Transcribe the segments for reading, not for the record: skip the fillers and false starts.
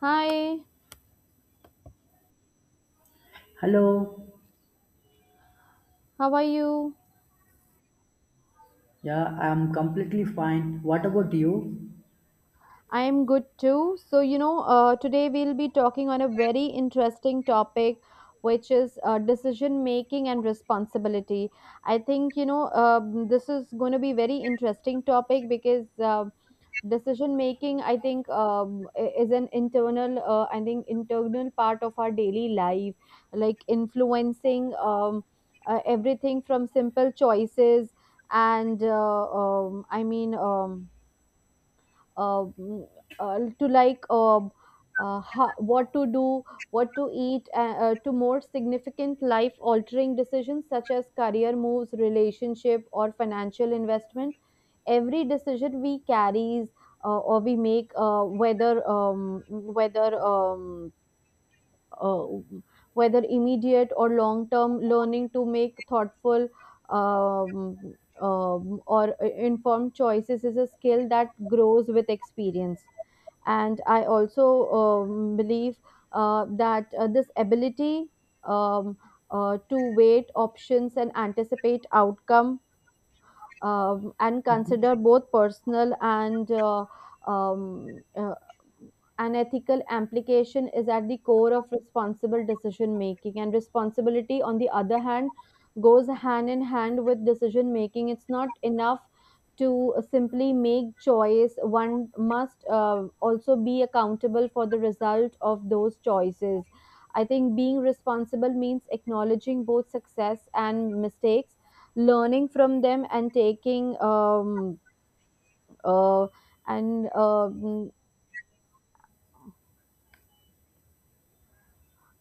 Hi, Hello. how are you? Yeah, I'm completely fine. What about you? I'm good too. So, today we'll be talking on a very interesting topic, which is decision making and responsibility. I think, this is going to be very interesting topic because decision making, I think, is an internal, I think, internal part of our daily life, like influencing everything from simple choices and I mean, uh, mm, to like what to do, what to eat, to more significant life altering decisions such as career moves, relationship, or financial investment. Every decision we carries or we make, uh, whether immediate or long term learning to make thoughtful um, or informed choices is a skill that grows with experience. And I also believe that this ability um, to weight options and anticipate outcome, and Mhm. consider both personal and um, uh, an ethical implication is at the core of responsible decision making, and responsibility on the other hand goes hand in hand with decision making. It's not enough to simply make choice. One must also be accountable for the result of those choices. I think being responsible means acknowledging both success and mistakes, learning from them and taking uh, and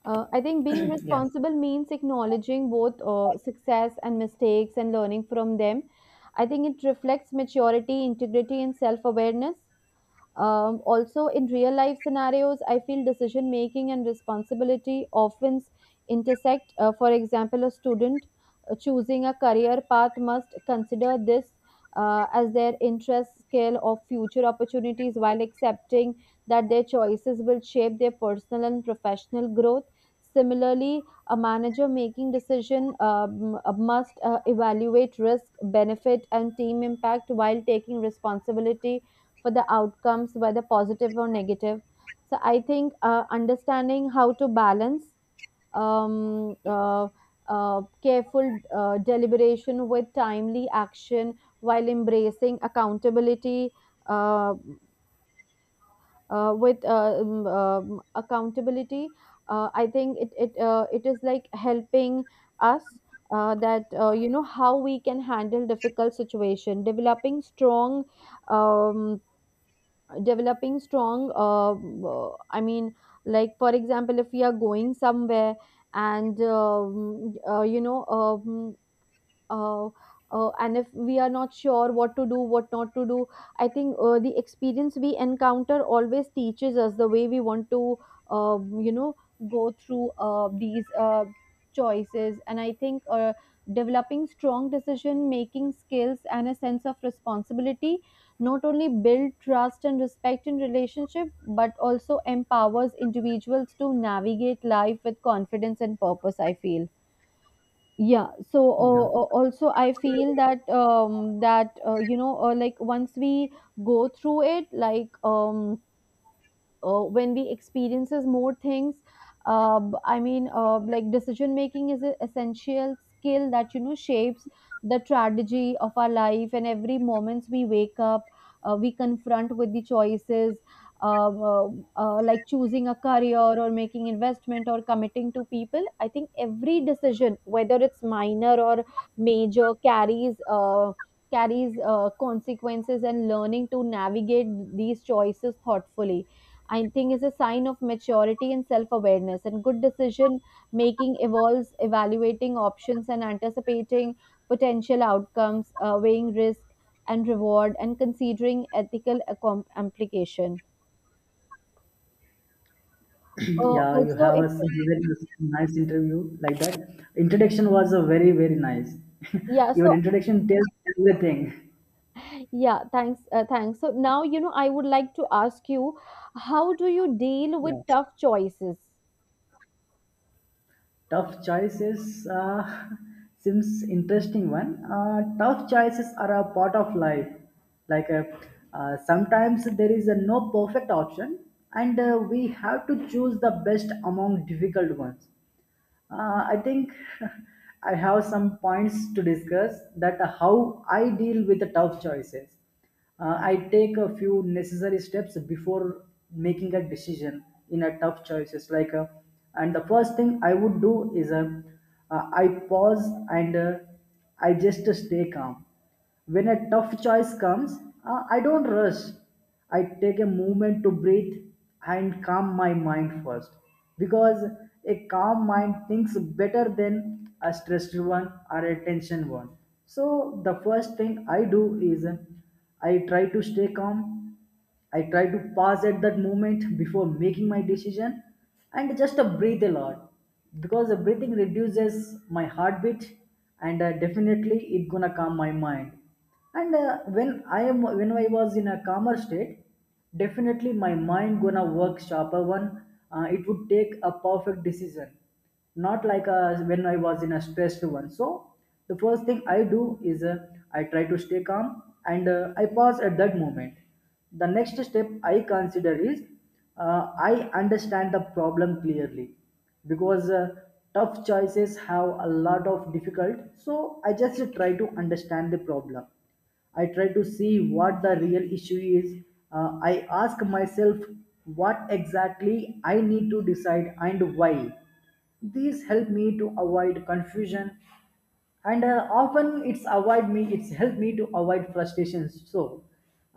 I think being Yeah, responsible means acknowledging both success and mistakes and learning from them. I think it reflects maturity, integrity, and self awareness. Also, in real life scenarios, I feel decision making and responsibility often intersect. For example, a student choosing a career path must consider this as their interest, skill, or future opportunities while accepting that their choices will shape their personal and professional growth. Similarly, a manager making decision must evaluate risk, benefit, and team impact while taking responsibility for the outcomes, whether positive or negative. So I think understanding how to balance um, uh, careful deliberation with timely action while embracing uh, accountability. I think it is like helping us that you know how we can handle difficult situation, um, developing strong, I mean, like, for example, if we are going somewhere and uh, if we are not sure what to do what not to do. I think the experience we encounter always teaches us the way we want to uh, you know go through these choices. And I think developing strong decision making skills and a sense of responsibility not only build trust and respect in relationship but also empowers individuals to navigate life with confidence and purpose, I feel. Yeah, so yeah, also I feel that like, once we go through it like, when we experiences more things uh, I mean, like, decision making is an essential skill that shapes the strategy of our life. And every moments we wake up, we confront with the choices. uh, uh, like choosing a career or making investment or committing to people, I think every decision whether it's minor or major carries consequences, and learning to navigate these choices thoughtfully, I think, is a sign of maturity and self awareness. And good decision making involves evaluating options and anticipating potential outcomes, weighing risk and reward, and considering ethical implication. Yeah. You Also, have if. Very nice interview like that. Introduction was a very very nice. Yeah, Your so introduction tells everything. yeah, thanks, thanks. So now, I would like to ask you, how do you deal with Yeah, tough choices? tough choices seems interesting one. Tough choices are a part of life. Like, sometimes there is a no perfect option, and we have to choose the best among difficult ones. I think, I have some points to discuss that how I deal with the tough choices. I take a few necessary steps before making a decision in a tough choices. And the first thing I would do is I pause and I just stay calm. When a tough choice comes, I don't rush. I take a moment to breathe and calm my mind first, because a calm mind thinks better than a stressed one or a tension one. So the first thing I do is I try to stay calm, I try to pause at that moment before making my decision, and just breathe a lot, because the breathing reduces my heartbeat, and definitely it gonna calm my mind. And when I am when I was in a calmer state, definitely my mind gonna work sharper one. It would take a perfect decision, not like when I was in a stressed one. So the first thing I do is, I try to stay calm, and I pause at that moment. The next step I consider is uh, I understand the problem clearly, because tough choices have a lot of difficult. So I just try to understand the problem, I try to see what the real issue is. I ask myself what exactly I need to decide, and why. These help me to avoid confusion, and often it's helped me to avoid frustrations. So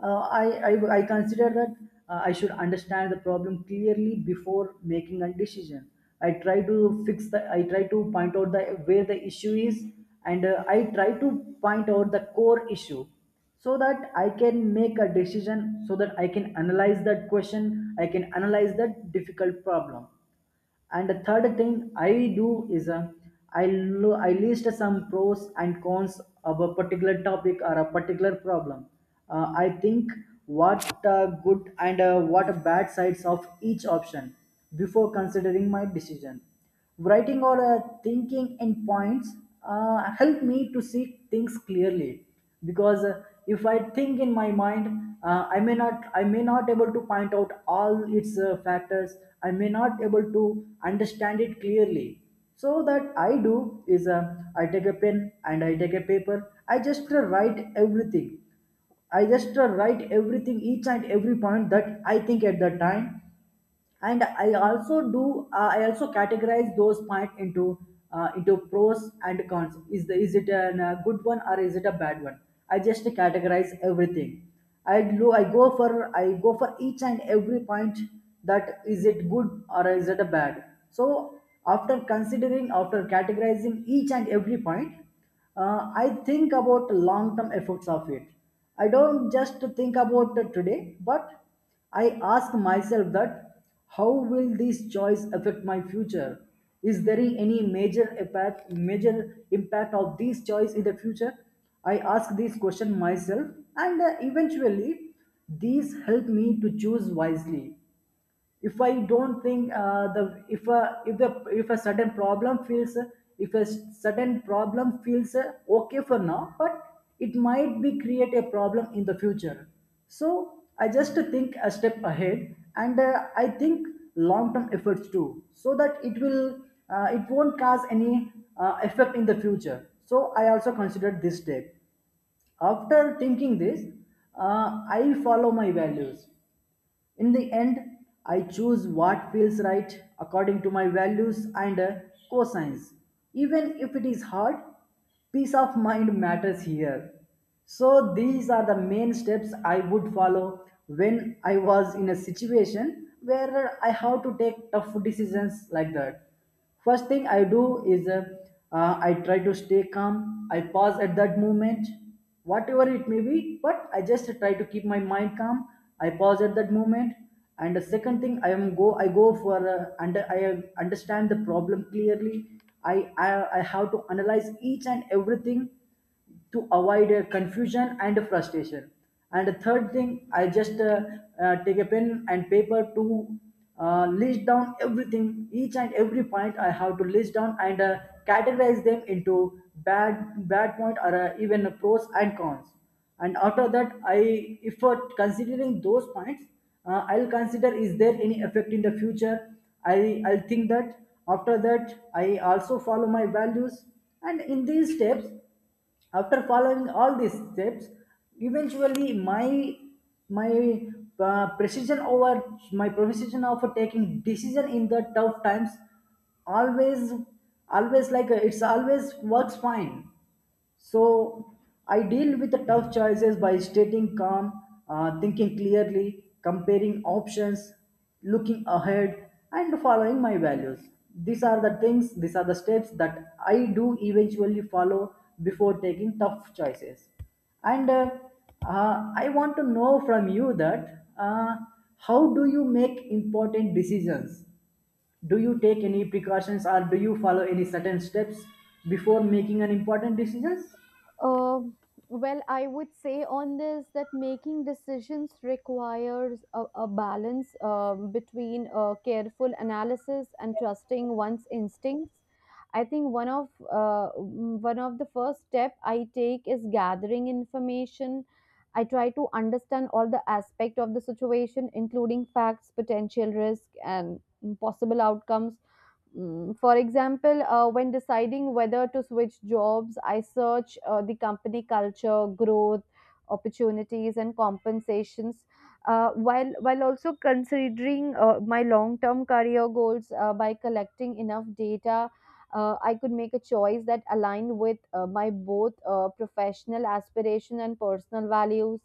uh, I, I consider that I should understand the problem clearly before making a decision. I try to point out the where the issue is, and I try to point out the core issue, so that I can make a decision, so that I can analyze that question, I can analyze that difficult problem. And the third thing I do is, I list some pros and cons of a particular topic or a particular problem. I think what good and what bad sides of each option before considering my decision. Writing or thinking in points help me to see things clearly, because if I think in my mind, I may not able to point out all its factors, I may not able to understand it clearly. So that I do is, I take a pen and I take a paper. I just write everything, I just write everything, each and every point that I think at that time. And I also categorize those points into, pros and cons. Is it a good one or is it a bad one? I just categorize everything. i do i go for I go for each and every point, that is it good or is it a bad. So after considering, after categorizing each and every point, I think about long-term efforts of it. I don't just think about the today, but I ask myself that how will this choice affect my future? Is there any major impact of this choice in the future? I ask this question myself, and eventually, these help me to choose wisely. If I don't think, the if a certain problem feels, if a certain problem feels okay for now, but it might be create a problem in the future. So I just think a step ahead, and I think long term efforts too, so that it won't cause any effect in the future. So I also considered this step. After thinking this, I follow my values. In the end, I choose what feels right according to my values and cosines. Even if it is hard, peace of mind matters here. So, these are the main steps I would follow when I was in a situation where I have to take tough decisions like that. First thing I do is, I try to stay calm. I pause at that moment, whatever it may be, but I just try to keep my mind calm. I pause at that moment, and the second thing I am go I go for understand the problem clearly. I, I I have to analyze each and everything, to avoid confusion and frustration. And the third thing, I just take a pen and paper to list down everything, each and every point I have to list down, and categorize them into bad point, or even pros and cons. And after that, I if for considering those points, I'll consider, is there any effect in the future. I'll think that. After that, I also follow my values, and in these steps, after following all these steps, eventually my uh, precision over my precision of taking decision in the tough times always, like, it's always works fine. So I deal with the tough choices by staying calm, thinking clearly, comparing options, looking ahead, and following my values. These are the steps that I do eventually follow before taking tough choices. And I want to know from you that, how do you make important decisions? Do you take any precautions, or do you follow any certain steps before making an important decisions? Um well, I would say on this that making decisions requires a balance between careful analysis and trusting one's instincts. I think one of the first step I take is gathering information. I try to understand all the aspect of the situation, including facts, potential risk, and possible outcomes. For example, when deciding whether to switch jobs, I search the company culture, growth, opportunities, and compensations, while also considering my long term career goals. By collecting enough data, I could make a choice that aligned with my both professional aspiration and personal values.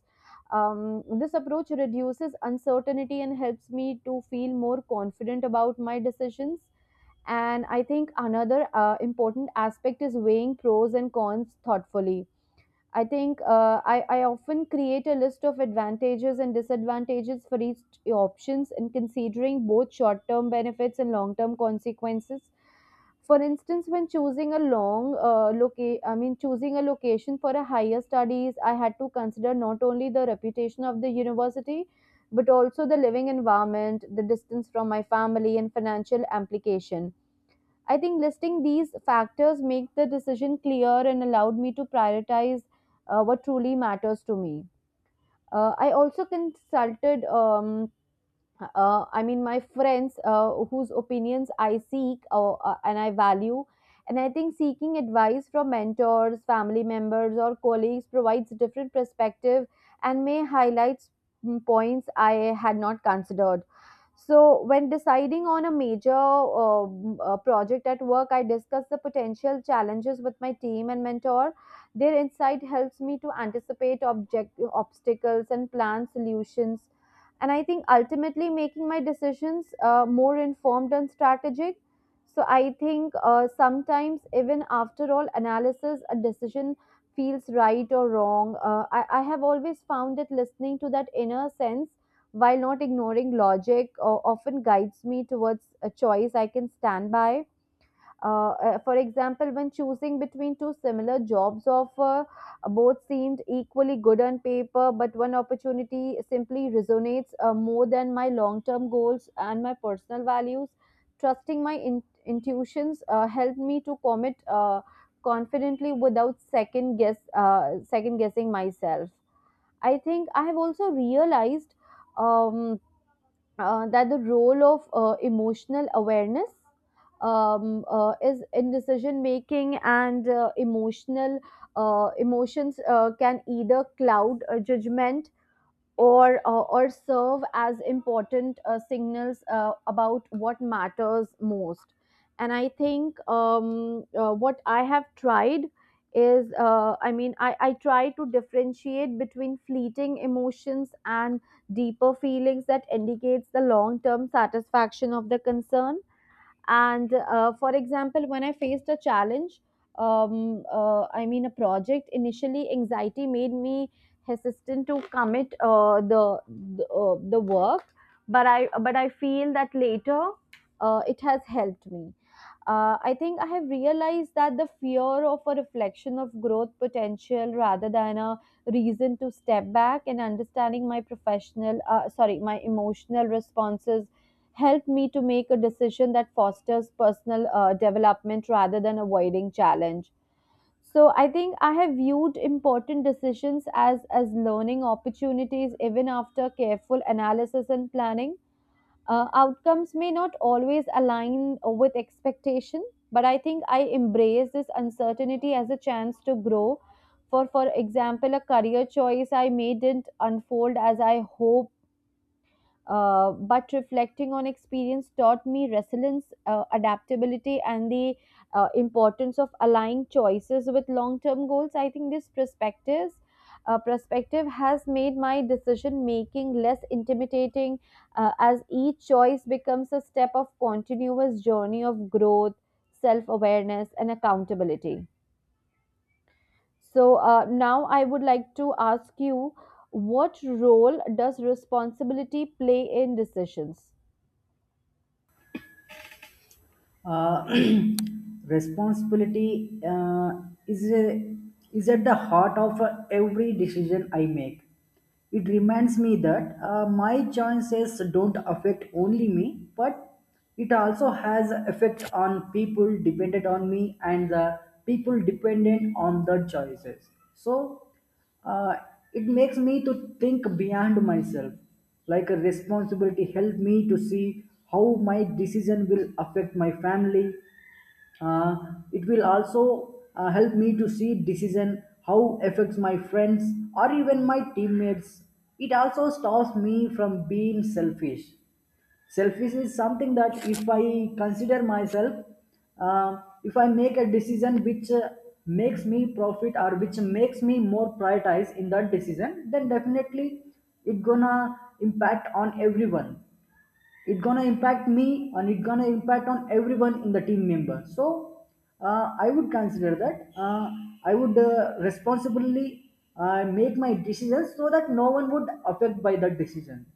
This approach reduces uncertainty and helps me to feel more confident about my decisions. And I think another important aspect is weighing pros and cons thoughtfully. I think I often create a list of advantages and disadvantages for each options, and considering both short term benefits and long term consequences. For instance, when choosing a location for a higher studies, I had to consider not only the reputation of the university, but also the living environment, the distance from my family, and financial implication. I think listing these factors make the decision clear and allowed me to prioritize what truly matters to me. I also consulted, I mean, my friends whose opinions I seek and I value. And I think seeking advice from mentors, family members, or colleagues provides different perspective and may highlight points I had not considered. So, when deciding on a major project at work, I discuss the potential challenges with my team and mentor. Their insight helps me to anticipate object obstacles and plan solutions, and I think ultimately making my decisions more informed and strategic. So I think sometimes, even after all analysis, a decision feels right or wrong. I have always found that listening to that inner sense while not ignoring logic often guides me towards a choice I can stand by. For example, when choosing between two similar jobs offer, both seemed equally good on paper, but one opportunity simply resonates more than my long term goals and my personal values. Trusting my intuitions helped me to commit confidently without second guessing myself. I think I have also realized Um, that the role of emotional awareness, is in decision making, and emotional emotions can either cloud judgment, or serve as important signals about what matters most. And I think what I have tried is I mean, I try to differentiate between fleeting emotions and deeper feelings that indicates the long term satisfaction of the concern. And for example, when I faced a challenge, I mean, a project, initially anxiety made me hesitant to commit the the work. But I feel that later it has helped me. I think I have realized that the fear of a reflection of growth potential rather than a reason to step back, and understanding my professional, sorry, my emotional responses helped me to make a decision that fosters personal development rather than avoiding challenge. So I think I have viewed important decisions as learning opportunities. Even after careful analysis and planning, outcomes may not always align with expectation, but I think I embrace this uncertainty as a chance to grow. For example, a career choice I made didn't unfold as I hoped, but reflecting on experience taught me resilience, adaptability, and the importance of aligning choices with long-term goals. I think this perspective has made my decision making less intimidating, as each choice becomes a step of continuous journey of growth, self-awareness, and accountability. So now I would like to ask you, what role does responsibility play in decisions? uh, Responsibility is a, is at the heart of every decision I make. It reminds me that my choices don't affect only me, but it also has effect on people dependent on me, and the people dependent on the choices. So uh, it makes me to think beyond myself. Like, a responsibility help me to see how my decision will affect my family. uh, it will also help me to see decision how affects my friends, or even my teammates. It also stops me from being selfish. Selfish is something that, if I consider myself, uh, if I make a decision which makes me profit, or which makes me more prioritize in that decision, then definitely it gonna impact on everyone. It gonna impact me, and it gonna impact on everyone in the team member. So I would consider that, I would responsibly make my decisions, so that no one would affect by that decision.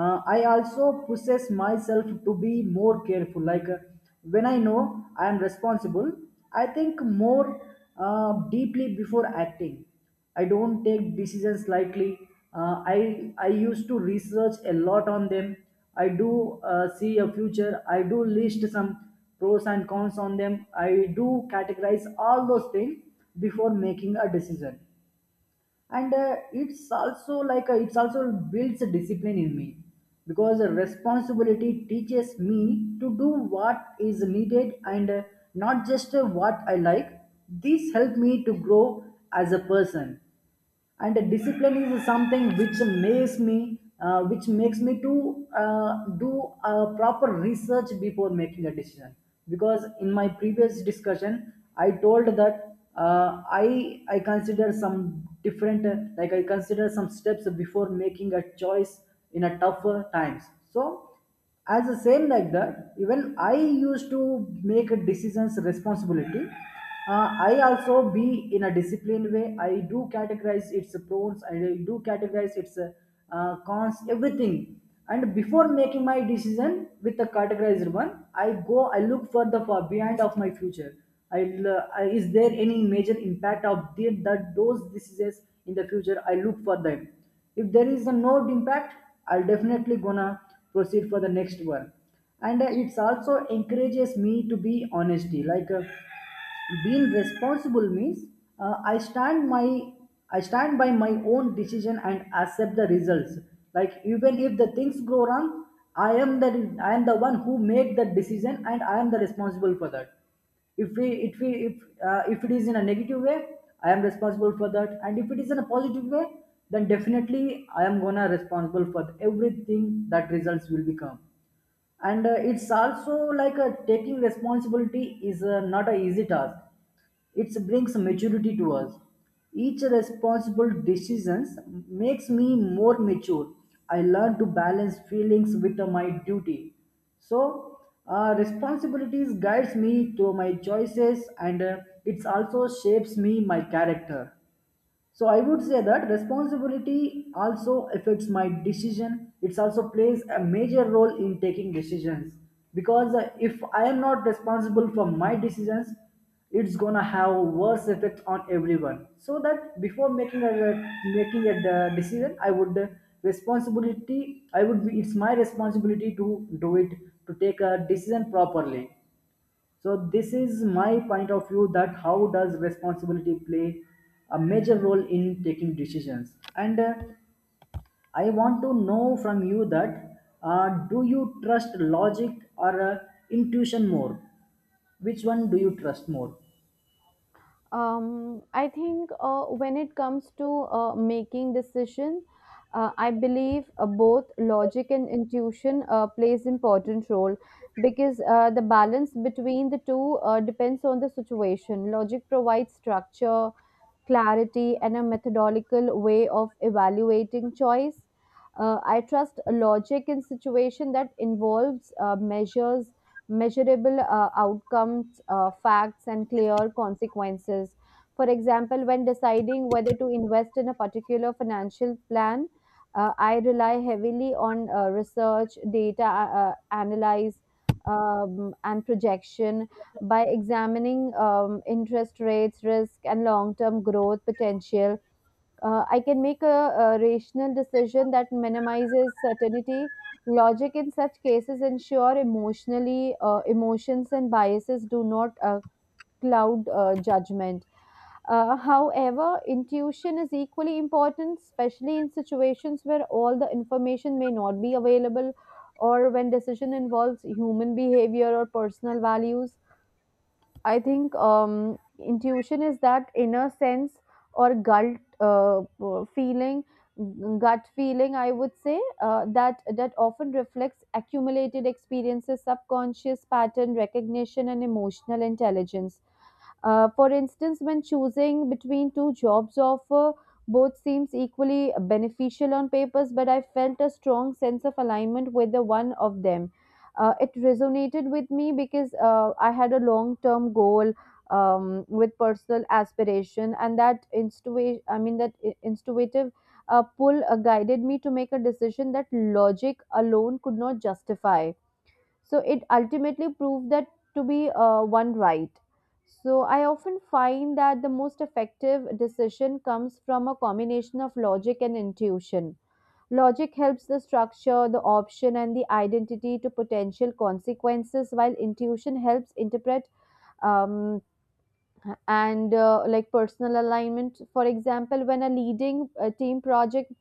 I also pushes myself to be more careful. Like, when I know I am responsible, I think more deeply before acting. I don't take decisions lightly. Uh, i I used to research a lot on them. I do see a future. I do list some pros and cons on them. I do categorize all those things before making a decision. And it's also like, it's also builds a discipline in me, because a responsibility teaches me to do what is needed, and not just what I like. This helped me to grow as a person. And discipline is something which makes me to do a proper research before making a decision, because in my previous discussion I told that, I consider some different, like I consider some steps before making a choice in a tougher times. So as the same like that, even I used to make a decisions responsibility. I also be in a disciplined way. I do categorize its pros, I do categorize its cons, everything. And before making my decision with the categorized one, I look for the far behind of my future. I'll, I Is there any major impact of that those decisions in the future, I look for them. If there is a no impact, I'll definitely gonna proceed for the next one. And it's also encourages me to be honesty. Like, being responsible means uh, i stand my I stand by my own decision, and accept the results. Like, even if the things go wrong, i am the I am the one who made the decision, and I am the responsible for that. If we, if it is in a negative way, I am responsible for that. And if it is in a positive way, then definitely I am gonna responsible for everything that results will become. And it's also, like, a taking responsibility is not a easy task, it brings maturity to us. Each responsible decisions makes me more mature. I learn to balance feelings with my duty. So responsibilities guides me to my choices, and it also shapes me my character. So I would say that responsibility also affects my decision. It also plays a major role in taking decisions, because if I am not responsible for my decisions, it's gonna have worse effect on everyone. So that before decision, I would, responsibility I would be, it's my responsibility to do it, to take a decision properly. So this is my point of view, that how does responsibility play a major role in taking decisions. And I want to know from you that, do you trust logic or intuition more? Which one do you trust more? I think when it comes to making decision, I believe both logic and intuition plays important role because the balance between the two depends on the situation. Logic provides structure, clarity, and a methodological way of evaluating choice. I trust logic in situation that involves measurable outcomes, facts, and clear consequences. For example, when deciding whether to invest in a particular financial plan, I rely heavily on research, data, analyze, and projection. By examining interest rates, risk, and long term growth potential, I can make a rational decision that minimizes certainty. Logic in such cases ensure emotionally emotions and biases do not cloud judgment. However, intuition is equally important, especially in situations where all the information may not be available or when decision involves human behavior or personal values. I think intuition is that inner sense or gut feeling. I would say that often reflects accumulated experiences, subconscious pattern recognition, and emotional intelligence. For instance, when choosing between two jobs offer, both seems equally beneficial on papers, but I felt a strong sense of alignment with the one of them. It resonated with me because I had a long-term goal with personal aspiration, and that intuitive pull guided me to make a decision that logic alone could not justify, so it ultimately proved that to be one right. So I often find that the most effective decision comes from a combination of logic and intuition. Logic helps the structure, the option, and the identity to potential consequences, while intuition helps interpret um, and like personal alignment, for example when a leading a team project.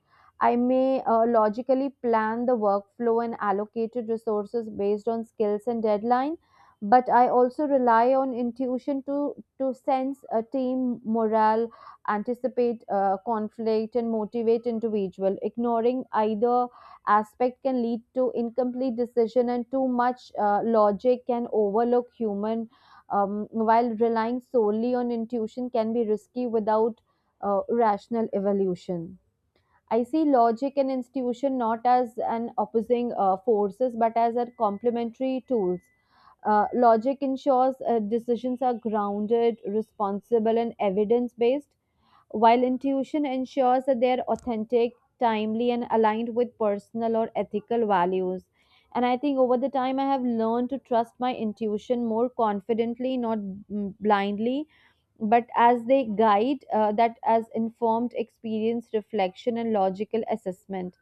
I may logically plan the workflow and allocated resources based on skills and deadline, but I also rely on intuition to sense a team morale, anticipate conflict and motivate individual. Ignoring either aspect can lead to incomplete decision, and too much logic can overlook human, while relying solely on intuition can be risky without rational evolution. I see logic and intuition not as an opposing forces but as a complementary tools. Logic ensures decisions are grounded, responsible, and evidence based, while intuition ensures that they're authentic, timely, and aligned with personal or ethical values. And I think over the time, I have learned to trust my intuition more confidently, not blindly, but as they guide that as informed experience, reflection, and logical assessment.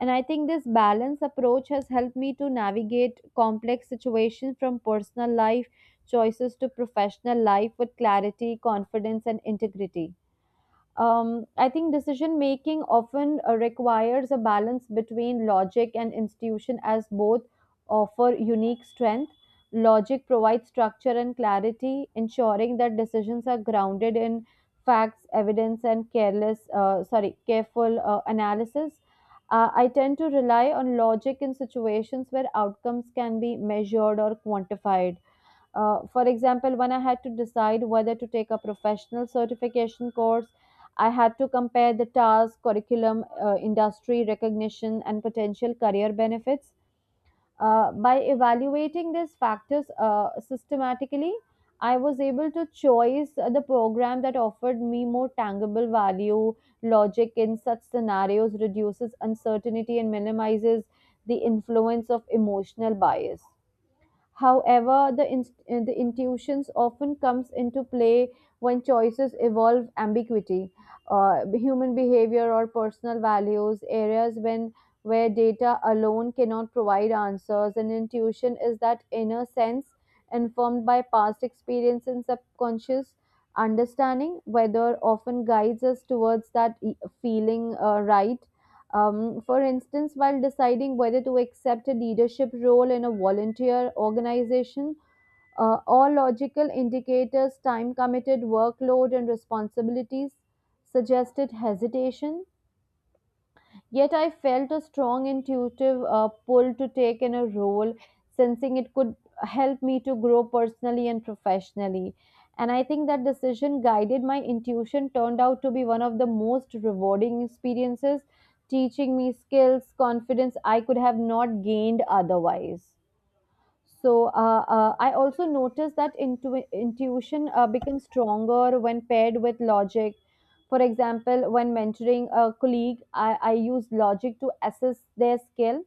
And I think this balance approach has helped me to navigate complex situations from personal life choices to professional life with clarity, confidence, and integrity. I think decision making often requires a balance between logic and institution, as both offer unique strength. Logic provides structure and clarity, ensuring that decisions are grounded in facts, evidence, and careless, sorry, careful analysis. I tend to rely on logic in situations where outcomes can be measured or quantified, for example, when I had to decide whether to take a professional certification course, I had to compare the task, curriculum, industry recognition, and potential career benefits. By evaluating these factors systematically, I was able to choose the program that offered me more tangible value. Logic in such scenarios reduces uncertainty and minimizes the influence of emotional bias. However, the intuitions often comes into play when choices evolve ambiguity, human behavior or personal values, areas when where data alone cannot provide answers. And intuition is that inner sense informed by past experience and subconscious understanding, whether often guides us towards that feeling right. For instance, while deciding whether to accept a leadership role in a volunteer organization, all logical indicators, time committed, workload, and responsibilities suggested hesitation. Yet I felt a strong intuitive pull to take in a role, sensing it could help me to grow personally and professionally. And I think that decision guided my intuition, turned out to be one of the most rewarding experiences, teaching me skills, confidence I could have not gained otherwise. So I also noticed that intuition becomes stronger when paired with logic. For example, when mentoring a colleague, I use logic to assess their skill,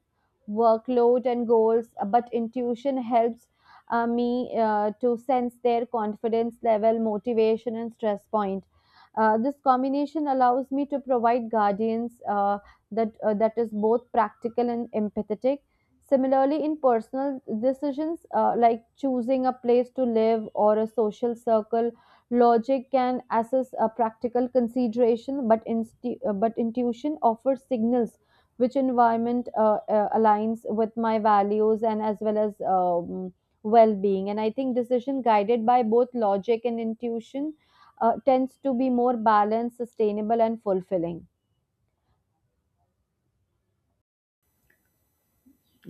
workload, and goals, but intuition helps me to sense their confidence level, motivation, and stress point. This combination allows me to provide guidance that is both practical and empathetic. Similarly, in personal decisions like choosing a place to live or a social circle, logic can assess a practical consideration, but, but intuition offers signals which environment aligns with my values and as well as well-being. And I think decision guided by both logic and intuition tends to be more balanced, sustainable, and fulfilling.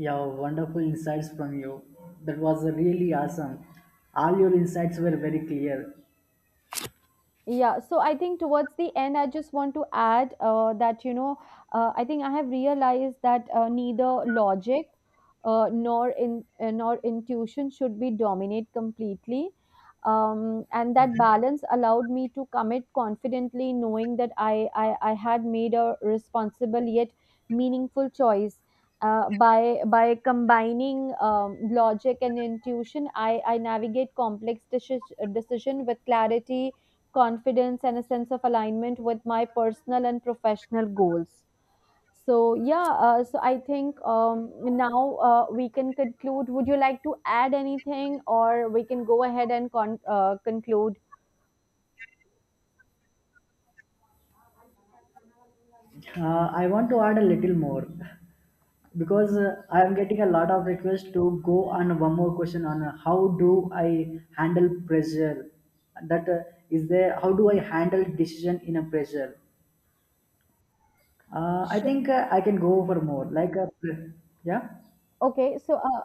Yeah, wonderful insights from you. That was really awesome, all your insights were very clear. Yeah, so I think towards the end, I just want to add that I think I have realized that neither logic nor intuition should be dominate completely. And that balance allowed me to commit confidently, knowing that I had made a responsible yet meaningful choice. By combining logic and intuition, I navigate complex decision with clarity, confidence and a sense of alignment with my personal and professional goals. So yeah, so I think now we can conclude. Would you like to add anything or we can go ahead and conclude? I want to add a little more, because I am getting a lot of requests to go on one more question on, how do I handle pressure? That uh, how do I handle decision in a pressure? I Sh- think, I can go for more. Yeah. okay, so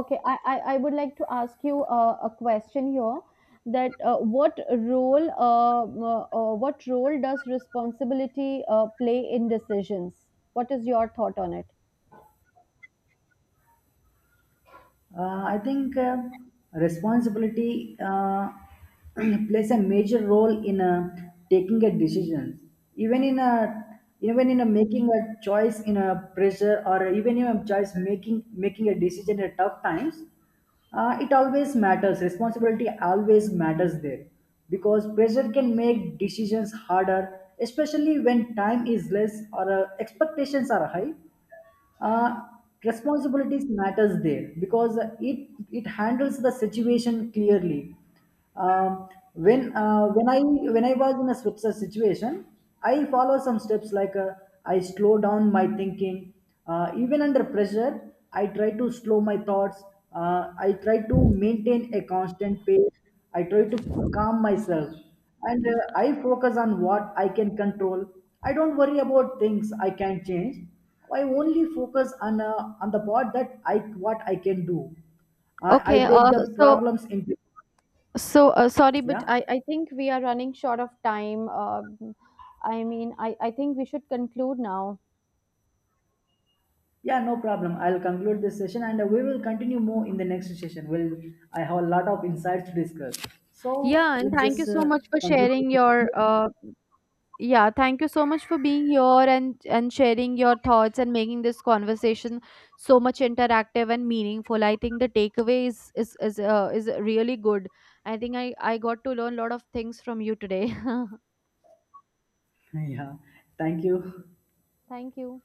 okay, I would like to ask you a question here, that what role what role does responsibility play in decisions? What is your thought on it? I think, responsibility plays a major role in taking a decision, even in a, making a choice in a pressure, or even in a choice making a decision at tough times. It always matters. Responsibility always matters there, because pressure can make decisions harder, especially when time is less, or expectations are high. uh, Responsibilities matters there, because it handles the situation clearly. Um, when I was in a switzer situation, I follow some steps. Like, I slow down my thinking. Even under pressure, I try to slow my thoughts. I try to maintain a constant pace. I try to calm myself, and I focus on what I can control. I don't worry about things I can change. I only focus on the part that I what I can do. I Okay, break the so, problems into, so, sorry, but yeah. I think we are running short of time. I mean, I think we should conclude now. Yeah, no problem. I'll conclude this session, and we will continue more in the next session. Well, I have a lot of insights to discuss. So Yeah, and let's thank you just so much for conclude. This sharing session. your yeah, thank you so much for being here and sharing your thoughts and making this conversation so much interactive and meaningful. I think the takeaway is really good. I think I got to learn a lot of things from you today. Yeah, thank you. Thank you.